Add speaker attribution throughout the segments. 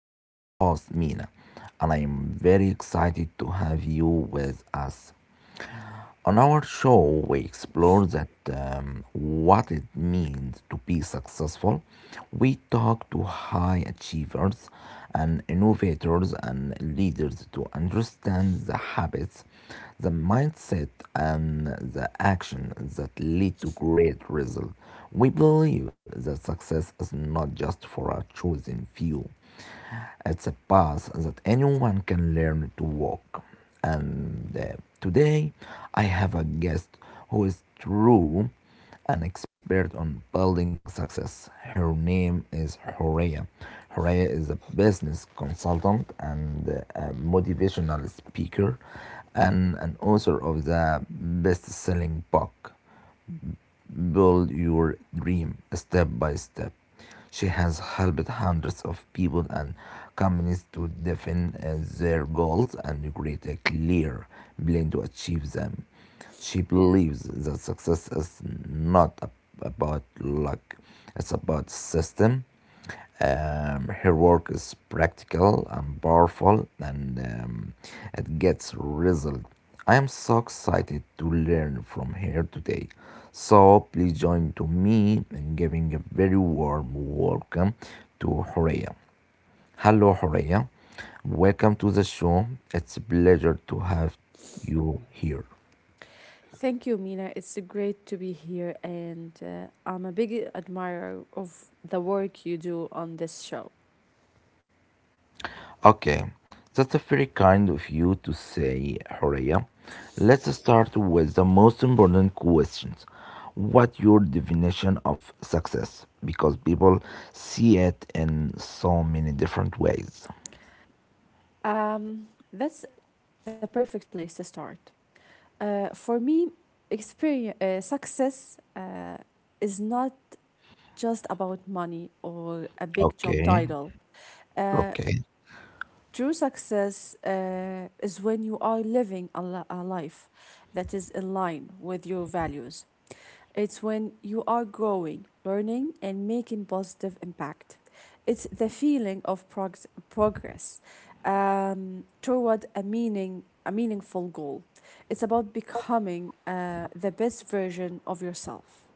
Speaker 1: I'm your host Mina, and I'm very excited to have you with us. On our show, we explore that what it means to be successful. We talk to high achievers and innovators and leaders to understand the habits, the mindset, and the action that lead to great results. We believe that success is not just for a chosen few; it's a path that anyone can learn to walk. And Today I have a guest who is true an expert on building success. Her name is Horea. Horea is a business consultant and a motivational speaker and an author of the best selling book Build Your Dream Step By Step. She has helped hundreds of people and companies to define their goals and create a clear plan to achieve them. She believes that success is not ab- about luck, it's about system. Her work is practical and powerful, and it gets results. I am so excited to learn from her today. So please join to me in giving a very warm welcome to Horea. Hello, Horea. Welcome to the show. It's a pleasure to have you here.
Speaker 2: Thank you, Mina. It's great to be here, and I'm a big admirer of the work you do on this show.
Speaker 1: Okay, that's very kind of you to say, Horea. Let's start with the most important questions. What your definition of success? Because people see it in so many different ways.
Speaker 2: That's the perfect place to start. For me, experience, success is not just about money or a big job
Speaker 1: Okay,
Speaker 2: title. Uh,
Speaker 1: okay.
Speaker 2: True success is when you are living a life that is in line with your values. It's when you are growing, learning, and making positive impact. It's the feeling of progress toward a meaningful goal. It's about becoming the best version of yourself.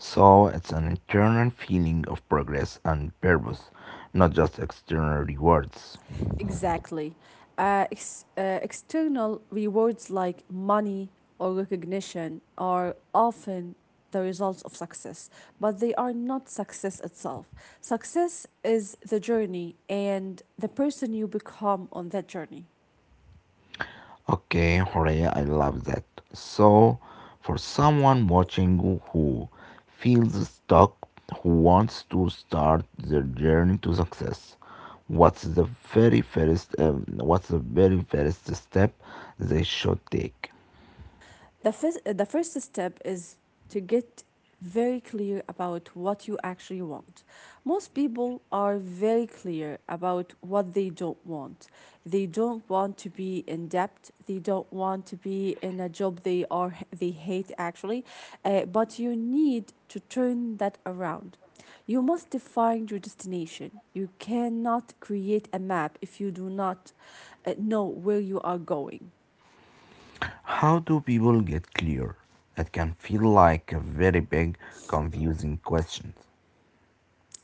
Speaker 1: So it's an internal feeling of progress and purpose, not just external rewards.
Speaker 2: Exactly. External rewards like money or recognition are often the results of success, but they are not success itself. Success is the journey and the person you become on that journey.
Speaker 1: Okay, hooray, I love that. So, for someone watching who feels stuck, who wants to start their journey to success, what's the very first step they should take?
Speaker 2: The first step is to get very clear about what you actually want. Most people are very clear about what they don't want. They don't want to be in debt. They don't want to be in a job they hate actually. But you need to turn that around. You must define your destination. You cannot create a map if you do not know where you are going.
Speaker 1: How do people get clear? It can feel like a very big, confusing question.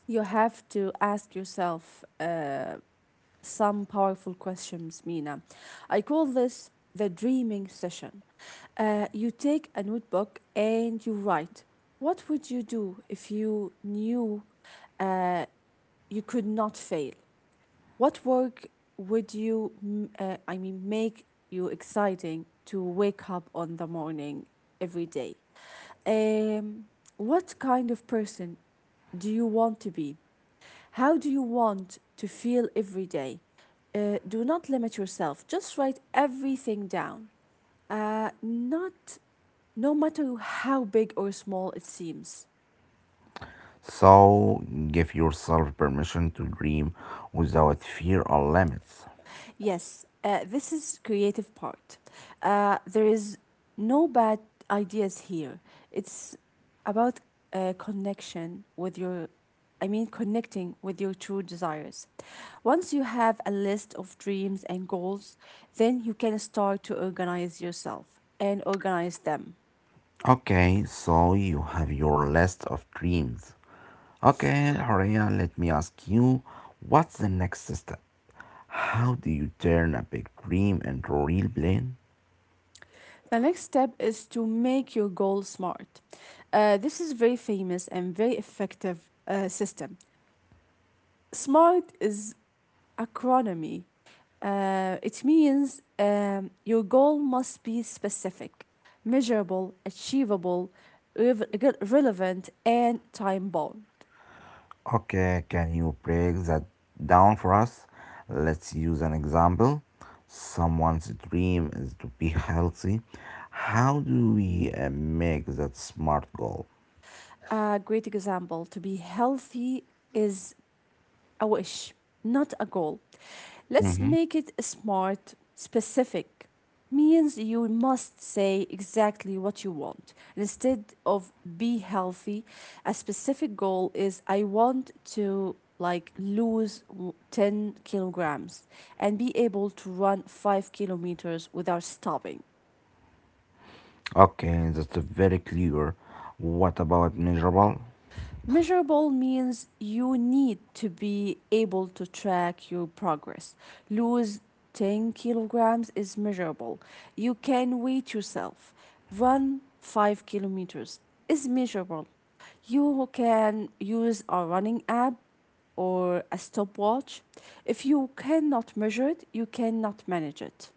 Speaker 2: You have to ask yourself some powerful questions, Mina. I call this the dreaming session. You take a notebook and you write, what would you do if you knew you could not fail? What work would you, I mean, make you exciting to wake up on the morning every day? Um, what kind of person do you want to be? How do you want to feel every day? Do not limit yourself. Just write everything down. Not, No matter how big or small it seems.
Speaker 1: So, give yourself permission to dream without fear or limits.
Speaker 2: Yes, this is creative part. There is no bad ideas here. It's about connection with your, I mean, connecting with your true desires. Once you have a list of dreams and goals, then you can start to organize yourself and organize them.
Speaker 1: Okay, so you have your list of dreams. Okay, Horia, let me ask you, what's the next step? How do you turn a big dream into a real plan?
Speaker 2: The next step is to make your goal smart. This is very famous and very effective system. Smart is Acronomy. It means your goal must be specific, measurable, achievable, relevant, and time bound.
Speaker 1: Okay, can you break that down for us? Let's use an example. Someone's dream is to be healthy. How do we make that smart goal?
Speaker 2: A great example to be healthy is a wish, not a goal. Let's
Speaker 1: Mm-hmm.
Speaker 2: make it smart, specific. Means you must say exactly what you want. Instead of be healthy, a specific goal is I want to like lose 10 kilograms and be able to run 5 kilometers without stopping.
Speaker 1: Okay, that's very clear. What about measurable?
Speaker 2: Measurable means you need to be able to track your progress. Lose 10 kilograms is measurable. You can weight yourself. Run 5 kilometers is measurable. You can use a running app or a stopwatch. If you cannot measure it, you cannot manage it.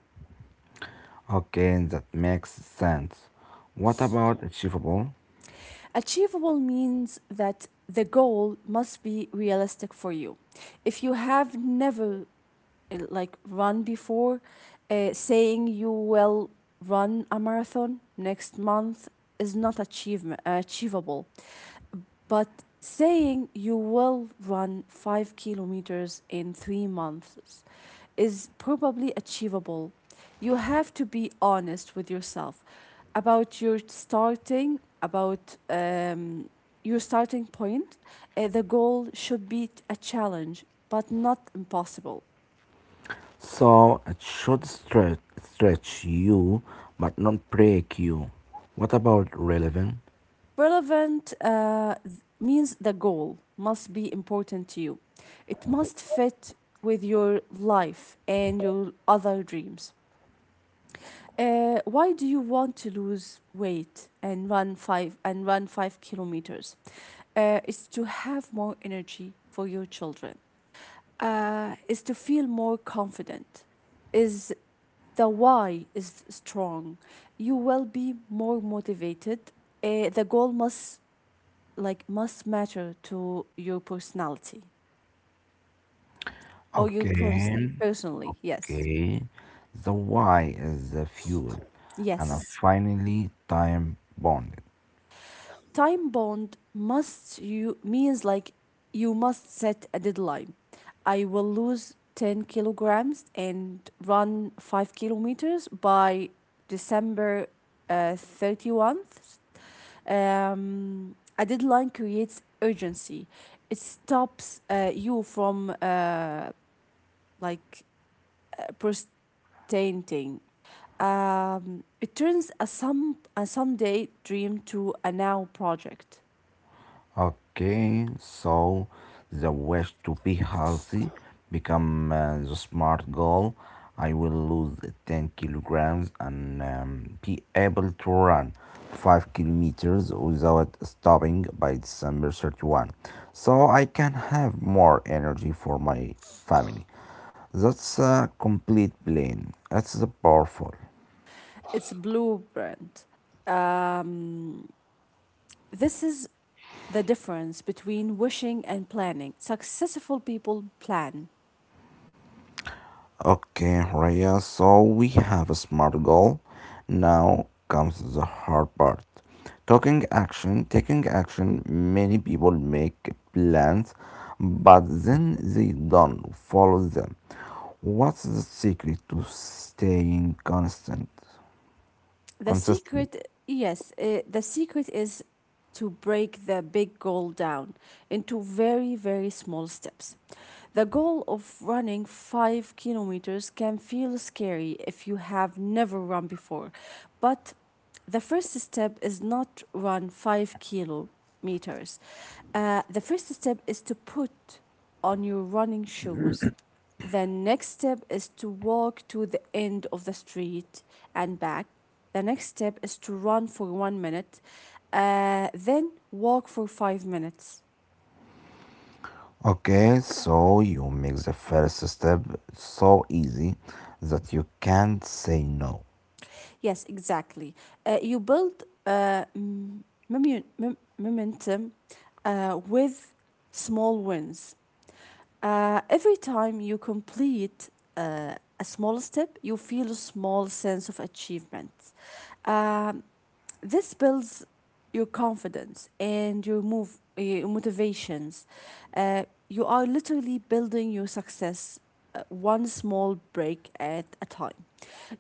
Speaker 1: Okay, that makes sense. What about achievable?
Speaker 2: Achievable means that the goal must be realistic for you. If you have never like run before, saying you will run a marathon next month is not achievement achievable, but saying you will run 5 kilometers in 3 months is probably achievable. You have to be honest with yourself about your starting point. The goal should be a challenge, but not impossible.
Speaker 1: So it should stretch you, but not break you. What about relevant?
Speaker 2: Relevant means the goal must be important to you. It must fit with your life and your other dreams. Why do you want to lose weight and run 5 kilometers? Is to have more energy for your children. Is to feel more confident. Is the why is strong. You will be more motivated. The goal must must matter to your personality, or
Speaker 1: Okay,
Speaker 2: personally. Yes,
Speaker 1: okay. The why is the fuel, and
Speaker 2: yes.
Speaker 1: finally, time bound.
Speaker 2: Time bound must, you means, like, you must set a deadline. I will lose 10 kilograms and run 5 kilometers by December 31st. A deadline creates urgency. It stops you from like pers- tainting. It turns a someday dream to a now project.
Speaker 1: Okay, so the wish to be healthy become the smart goal. I will lose 10 kilograms and be able to run 5 kilometers without stopping by December 31st. So I can have more energy for my family. That's a complete plan. It's powerful.
Speaker 2: It's blueprint. Um, this is the difference between wishing and planning. Successful people plan.
Speaker 1: Okay, Raya, so we have a smart goal. Now comes the hard part. Talking action, taking action, many people make plans, but then they don't follow them. What's the secret to staying constant?
Speaker 2: The
Speaker 1: Consistent.
Speaker 2: secret, yes, the secret is to break the big goal down into very, very small steps. The goal of running 5 kilometers can feel scary if you have never run before, but the first step is not run 5 kilometers. The first step is to put on your running shoes. The next step is to walk to the end of the street and back. The next step is to run for 1 minute, then walk for 5 minutes.
Speaker 1: Okay, so you make the first step so easy that you can't say no.
Speaker 2: Yes, exactly. You build momentum with small wins. Every time you complete uh, a small step, you feel a small sense of achievement. Um, this builds your confidence and your motivations. uh, you are literally building your success one small break at a time.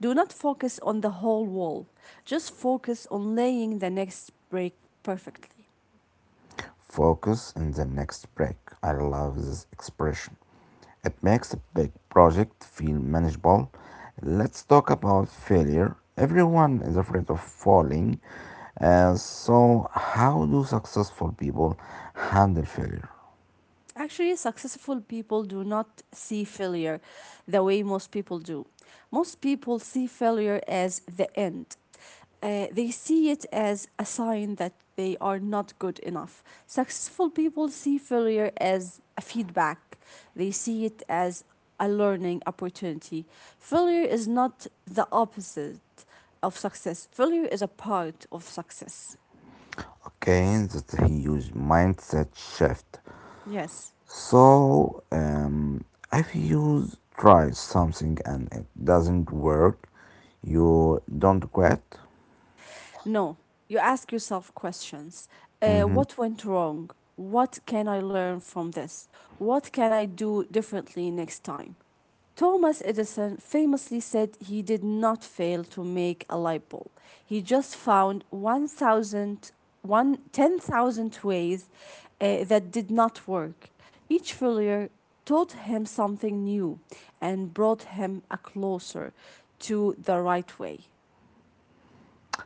Speaker 2: Do not focus on the whole wall. Just focus on laying the next break perfectly.
Speaker 1: Focus in the next break. I love this expression. It makes a big project feel manageable. Let's talk about failure. Everyone is afraid of falling. So, how do successful people handle failure?
Speaker 2: Actually, successful people do not see failure the way most people do. Most people see failure as the end. They see it as a sign that they are not good enough. Successful people see failure as a feedback; they see it as a learning opportunity. Failure is not the opposite of success. Failure is a part of success.
Speaker 1: Okay, that's a huge mindset shift.
Speaker 2: Yes.
Speaker 1: So, if you try something and it doesn't work, you don't quit.
Speaker 2: No, you ask yourself questions.
Speaker 1: Mm-hmm.
Speaker 2: What went wrong? What can I learn from this? What can I do differently next time? Thomas Edison famously said he did not fail to make a light bulb. He just found one thousand, one, ten thousand ways that did not work. Each failure taught him something new and brought him a closer to the right way.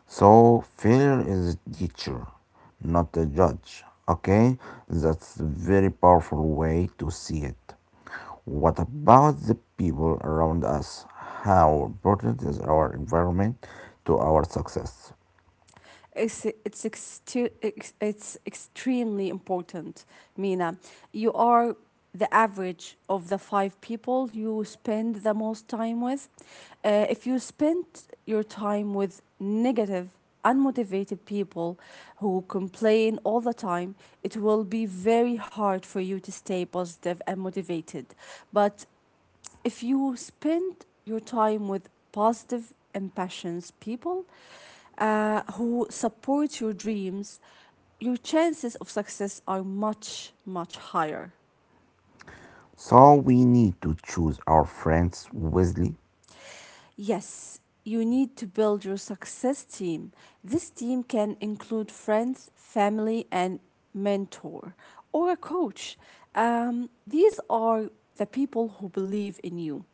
Speaker 1: So failure is a teacher, not a judge. Okay, that's a very powerful way to see it. What about the people around us? How important is our environment to our success?
Speaker 2: It's extremely important, Mina. You are the average of the five people you spend the most time with. If you spend your time with negative, unmotivated people who complain all the time, it will be very hard for you to stay positive and motivated. But if you spend your time with positive, impassioned people who support your dreams, your chances of success are much, much higher.
Speaker 1: So we need to choose our friends wisely.
Speaker 2: Yes, you need to build your success team. This team can include friends, family, and mentor or a coach. These are the people who believe in you,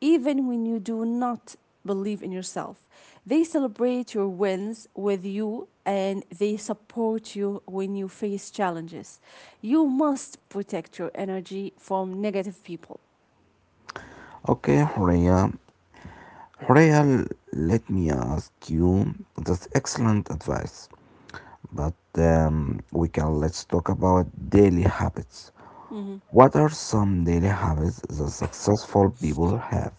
Speaker 2: even when you do not believe in yourself. They celebrate your wins with you and they support you when you face challenges. You must protect your energy from negative people.
Speaker 1: Okay, Horea. Horea, let me ask you. That's excellent advice. But we can let's talk about daily habits. What are some daily habits that successful people have?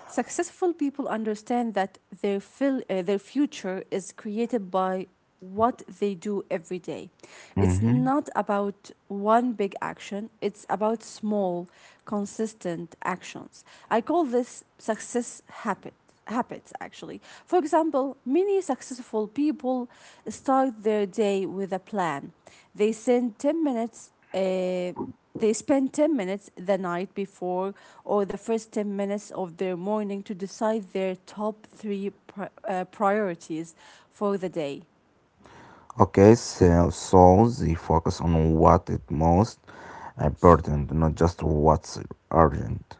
Speaker 2: Successful people understand that their future is created by what they do every day. It's
Speaker 1: Mhm.
Speaker 2: not about one big action; it's about small, consistent actions. I call this success habit. Habits actually. For example, many successful people start their day with a plan. They send 10 minutes, they spend 10 minutes the night before or the first 10 minutes of their morning to decide their top three priorities for the day.
Speaker 1: Okay, so they focus on what is most important, not just what's urgent.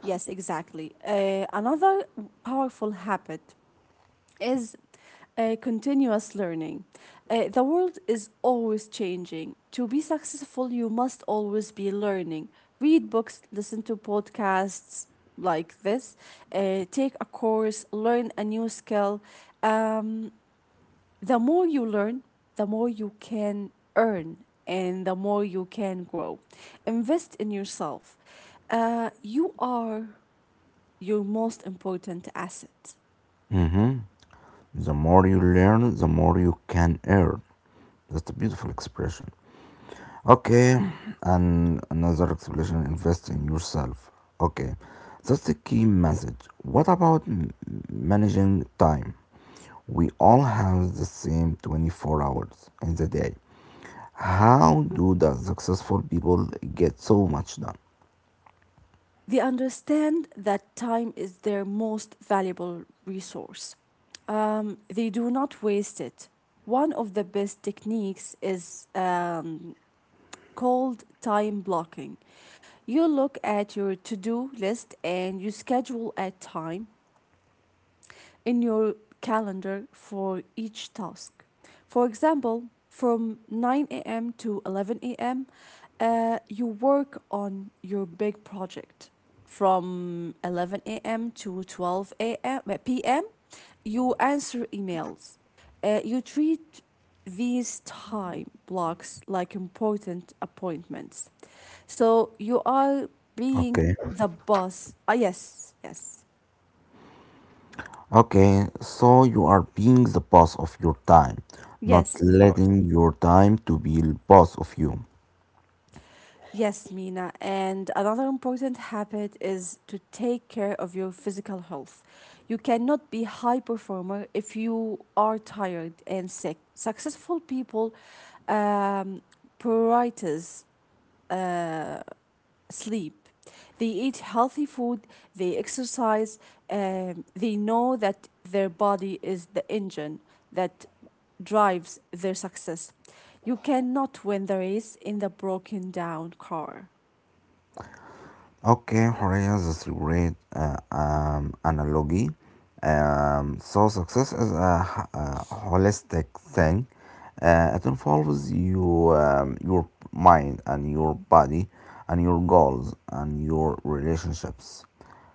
Speaker 2: Yes, exactly. Another powerful habit is continuous learning. The world is always changing. To be successful, you must always be learning. Read books, listen to podcasts like this, take a course, learn a new skill. Um, The more you learn, the more you can earn and the more you can grow. Invest in yourself. You are your most important asset.
Speaker 1: Mhm. The more you learn, the more you can earn. That's a beautiful expression. Okay, and another explanation invest in yourself. Okay, that's the key message. Managing time? We all have the same 24 hours in the day. How do the successful people get so much done?
Speaker 2: They understand that time is their most valuable resource. They do not waste it. One of the best techniques is called time blocking. You look at your to do list and you schedule a time in your calendar for each task. For example, from 9 a.m. to 11 a.m., you work on your big project. From 11 a.m. to 12 a.m., p.m., you answer emails. You treat these time blocks like important appointments. So you are being
Speaker 1: Okay.
Speaker 2: the boss. Ah, yes, yes,
Speaker 1: Okay, so you are being the boss of your time, not
Speaker 2: yes, of course.
Speaker 1: letting your time to be the boss of you.
Speaker 2: Yes, Mina. And another important habit is to take care of your physical health. You cannot be high performer if you are tired and sick. Successful people um, prioritize sleep. They eat healthy food, they exercise, they know that their body is the engine that drives their success. You cannot win the race in the broken down car.
Speaker 1: Okay, حرية that's a great analogy. So success is a holistic thing. It involves you, your mind and your body and your goals and your relationships.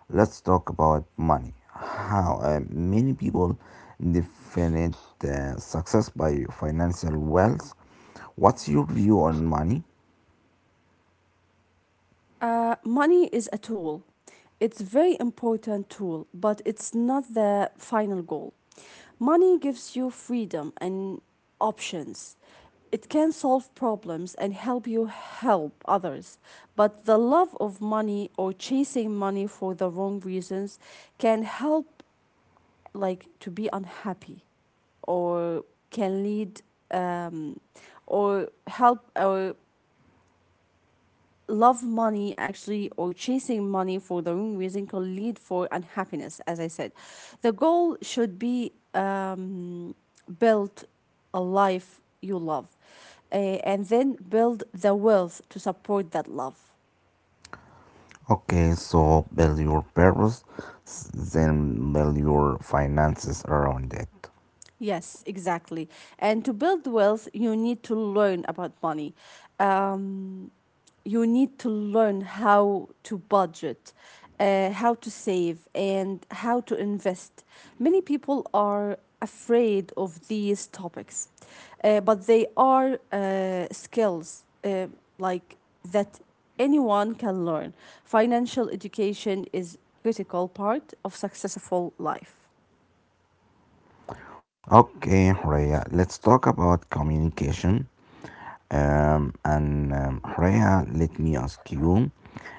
Speaker 1: Let's talk about money. How many people define success by financial wealth. What's your view on money?
Speaker 2: Money is a tool. It's very important tool, but it's not the final goal. Money gives you freedom and options. It can solve problems and help you help others. But the love of money or chasing money for the wrong reasons can help like to be unhappy, or can lead, um, or help, or love money actually, or chasing money for the wrong reason can lead for unhappiness, as I said. The goal should be build a life you love, uh, and then build the wealth to support that love.
Speaker 1: Okay, so build your purpose, then build your finances around it.
Speaker 2: Yes, exactly. And to build wealth, you need to learn about money. um, you need to learn how to budget, how to save, and how to invest. Many people are afraid of these topics, but they are skills like that anyone can learn. Financial education is critical part of successful life.
Speaker 1: Okay, Rhea, let's talk about communication. And Rhea, let me ask you,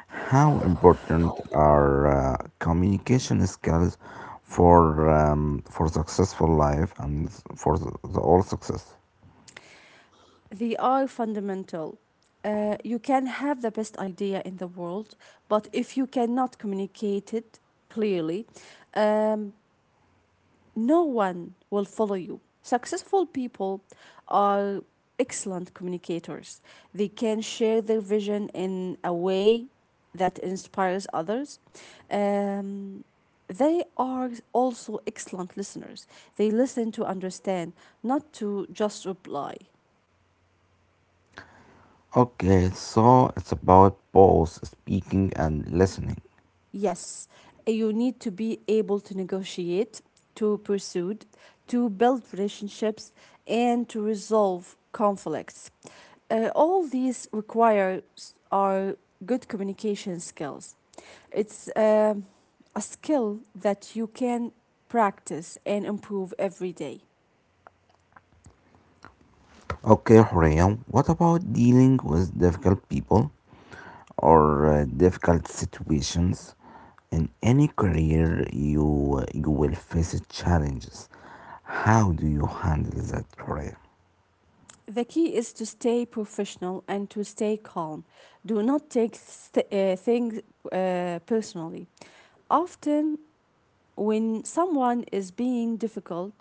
Speaker 1: how important are communication skills for successful life and for the all success?
Speaker 2: They are fundamental. You can have the best idea in the world, but if you cannot communicate it clearly, um, no one will follow you. Successful people are excellent communicators. They can share their vision in a way that inspires others. Um, they are also excellent listeners. They listen to understand, not to just reply.
Speaker 1: Okay, so it's about both speaking and listening.
Speaker 2: Yes, you need to be able to negotiate, to pursue, to build relationships, and to resolve conflicts. All these are good communication skills. It's a skill that you can practice and improve every day.
Speaker 1: Okay, Horia, what about dealing with difficult people or difficult situations? In any career, you will face challenges. How do you handle that, Horia?
Speaker 2: The key is to stay professional and to stay calm. Do not take things personally. Often when someone is being difficult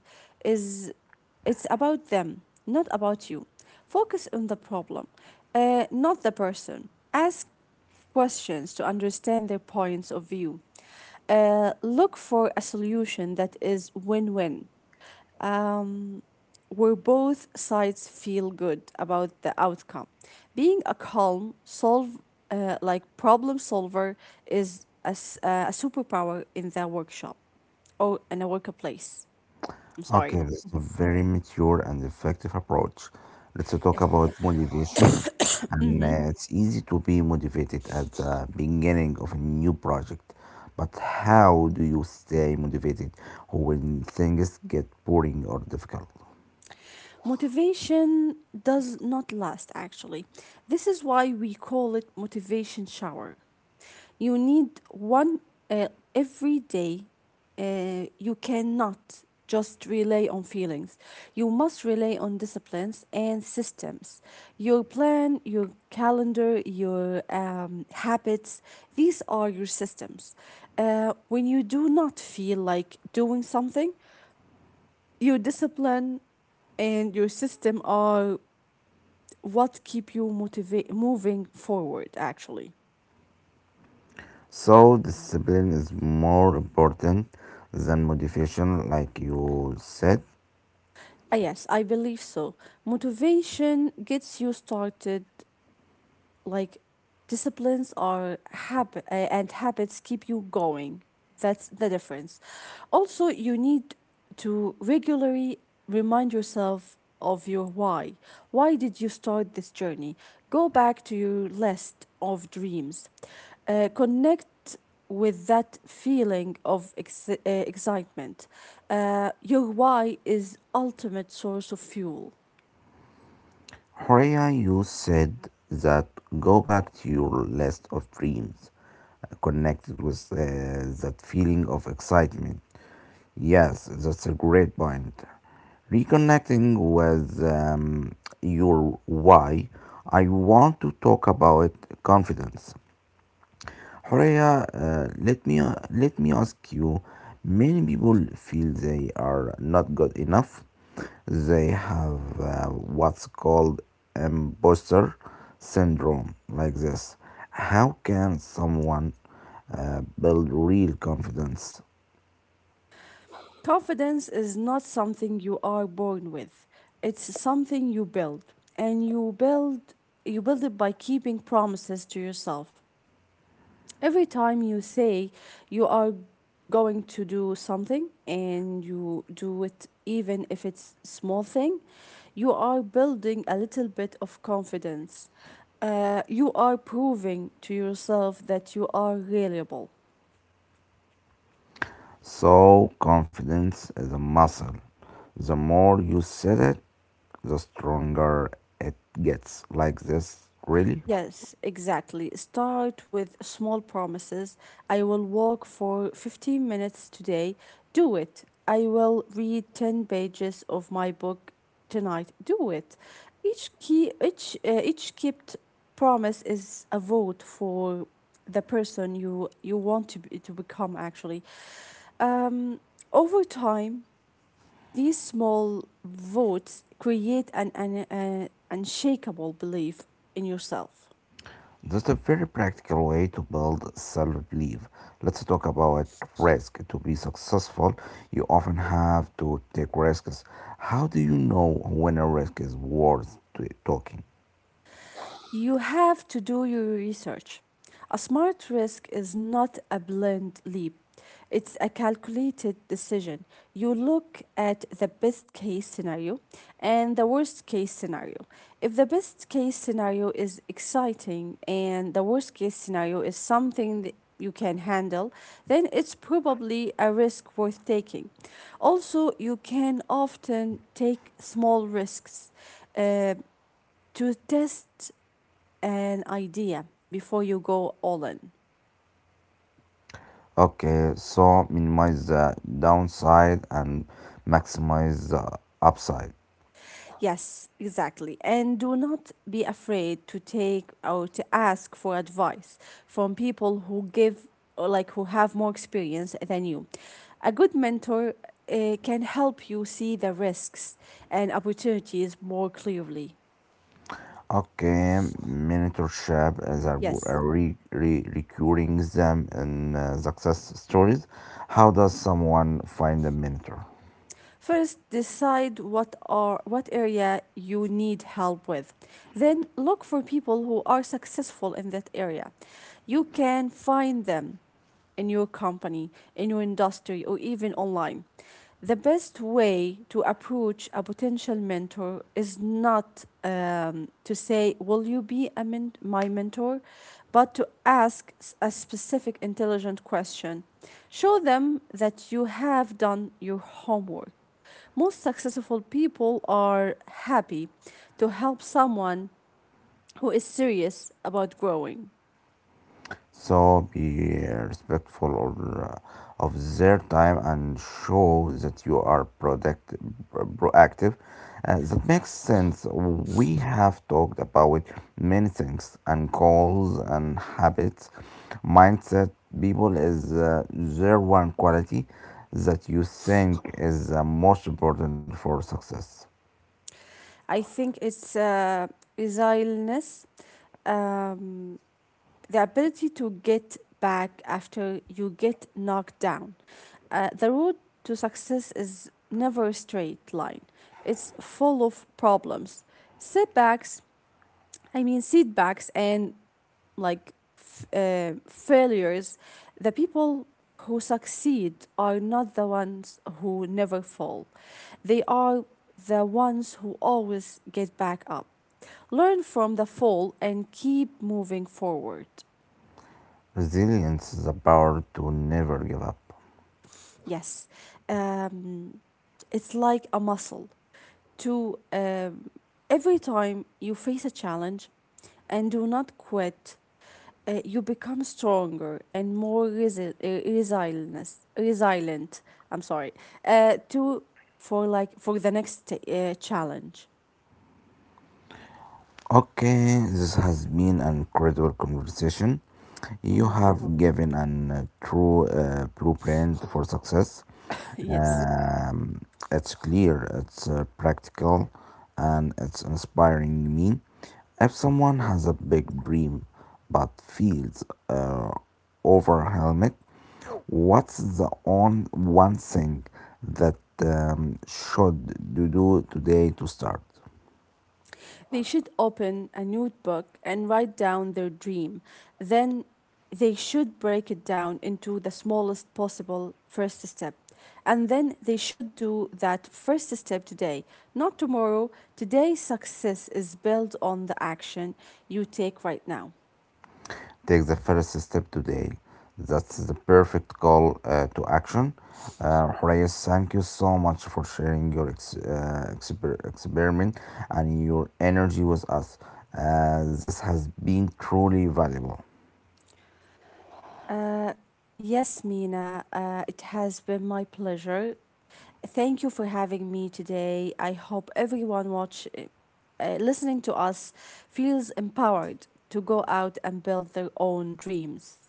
Speaker 2: is it's about them not about you. Focus on the problem, not the person. Ask questions to understand their points of view. Look for a solution that is win-win, where both sides feel good about the outcome. Being a calm, solve like problem solver is a superpower in the workshop or in a workplace. I'm
Speaker 1: Okay,
Speaker 2: sorry.
Speaker 1: that's a very mature and effective approach. Let's talk
Speaker 2: Yes.
Speaker 1: about motivation. And It's easy to be motivated at the beginning of a new project, but how do you stay motivated when things get boring or difficult?
Speaker 2: Motivation does not last, actually. This is why we call it motivation shower. You need one every day. You cannot just rely on feelings. You must rely on disciplines and systems. Your plan, your calendar, your habits, these are your systems. When you do not feel like doing something, your discipline and your system are what keep you motivate moving forward actually.
Speaker 1: So, discipline is more important than motivation, like you said.
Speaker 2: Ah yes, I believe so. Motivation gets you started, like disciplines are habit eh, and habits keep you going. That's the difference. Also, you need to regularly remind yourself of your why. Why did you start this journey? Go back to your list of dreams. Connect with that feeling of excitement. Your why is ultimate source of fuel.
Speaker 1: Horia, you said that go back to your list of dreams connected with that feeling of excitement. Yes, that's a great point. Reconnecting with your why, I want to talk about confidence. Horea, let me ask you. Many people feel they are not good enough. They have what's called imposter syndrome, like this. How can someone build real confidence?
Speaker 2: Confidence is not something you are born with. It's something you build, and you build it by keeping promises to yourself. Every time you say you are going to do something and you do it, even if it's small thing, you are building a little bit of confidence. You are proving to yourself that you are reliable.
Speaker 1: So, confidence is a muscle. The more you set it, the stronger it gets. Like this, really?
Speaker 2: Yes, exactly. Start with small promises. I will walk for 15 minutes today. Do it. I will read 10 pages of my book tonight. Do it. Each key each kept promise is a vote for the person you want to be, to become actually. Um Over time, these small votes create an unshakable belief in yourself.
Speaker 1: That's a very practical way to build self belief. Let's talk about risk. To be successful, you often have to take risks. How do you know when a risk is worth taking?
Speaker 2: You have to do your research. A smart risk is not a blind leap, it's a calculated decision. You look at the best case scenario and the worst case scenario. If the best case scenario is exciting and the worst case scenario is something that you can handle, then it's probably a risk worth taking. Also, you can often take small risks uh, to test an idea before you go all in.
Speaker 1: Okay, so minimize the downside and maximize the upside.
Speaker 2: Yes, exactly. And do not be afraid to take or to ask for advice from people who give or like who have more experience than you. A good mentor can help you see the risks and opportunities more clearly.
Speaker 1: Okay, mentorship is a, a
Speaker 2: Yes.
Speaker 1: re, re, recurring theme in success stories. How does someone find a mentor?
Speaker 2: First, decide what are what area you need help with. Then look for people who are successful in that area. You can find them in your company, in your industry, or even online. The best way to approach a potential mentor is not to say, "Will you be a my mentor?" but to ask a specific intelligent question. Show them that you have done your homework. Most successful people are happy to help someone who is serious about growing.
Speaker 1: So be respectful of their time and show that you are proactive. That makes sense. We have talked about many things and goals and habits. Mindset people is their one quality that you think is the most important for success.
Speaker 2: I think it's resilience, um, the ability to get back after you get knocked down. The road to success is never a straight line, it's full of problems, setbacks, setbacks, and like failures. The people who succeed are not the ones who never fall. They are the ones who always get back up. Learn from the fall and keep moving forward.
Speaker 1: Resilience is the power to never give up.
Speaker 2: Yes, um, it's like a muscle. To Every time you face a challenge and do not quit, you become stronger and more resilient. I'm sorry. To For like for the next challenge.
Speaker 1: Okay, this has been an incredible conversation. You
Speaker 2: Mhm.
Speaker 1: have given an true blueprint for success.
Speaker 2: Yes.
Speaker 1: Um, it's clear, it's practical, and it's inspiring me. If someone has a big dream but feels uh, overwhelmed, what's the on one thing that should you do today to start?
Speaker 2: They should open a notebook and write down their dream. Then they should break it down into the smallest possible first step. And then they should do that first step today, not tomorrow. Today's success is built on the action you take right now.
Speaker 1: Take the first step today. That's the perfect call to action. Horace, thank you so much for sharing your experiment and your energy with us. This has been truly valuable.
Speaker 2: Yes, Mina, it has been my pleasure. Thank you for having me today. I hope everyone watch, listening to us, feels empowered to go out and build their own dreams.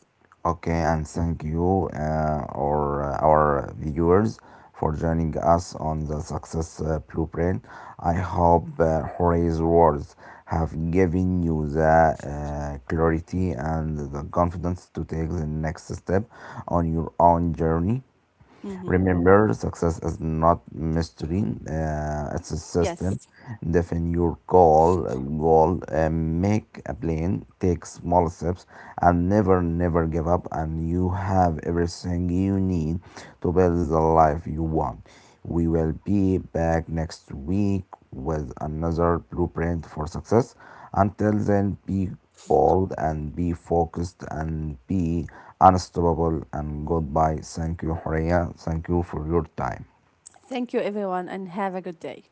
Speaker 1: Okay, and thank you, or our viewers, for joining us on the Success Blueprint. I hope Jorge's words have given you the clarity and the confidence to take the next step on your own journey.
Speaker 2: Hmm.
Speaker 1: Remember, success is not mystery, it's a system.
Speaker 2: Yes.
Speaker 1: Define your goal, make a plan, take small steps, and never give up. And you have everything you need to build the life you want. We will be back next week with another blueprint for success. Until then, be bold and be focused and be unstoppable. And goodbye. Thank you, Horea. Thank you for your time.
Speaker 2: Thank you, everyone, and have a good day.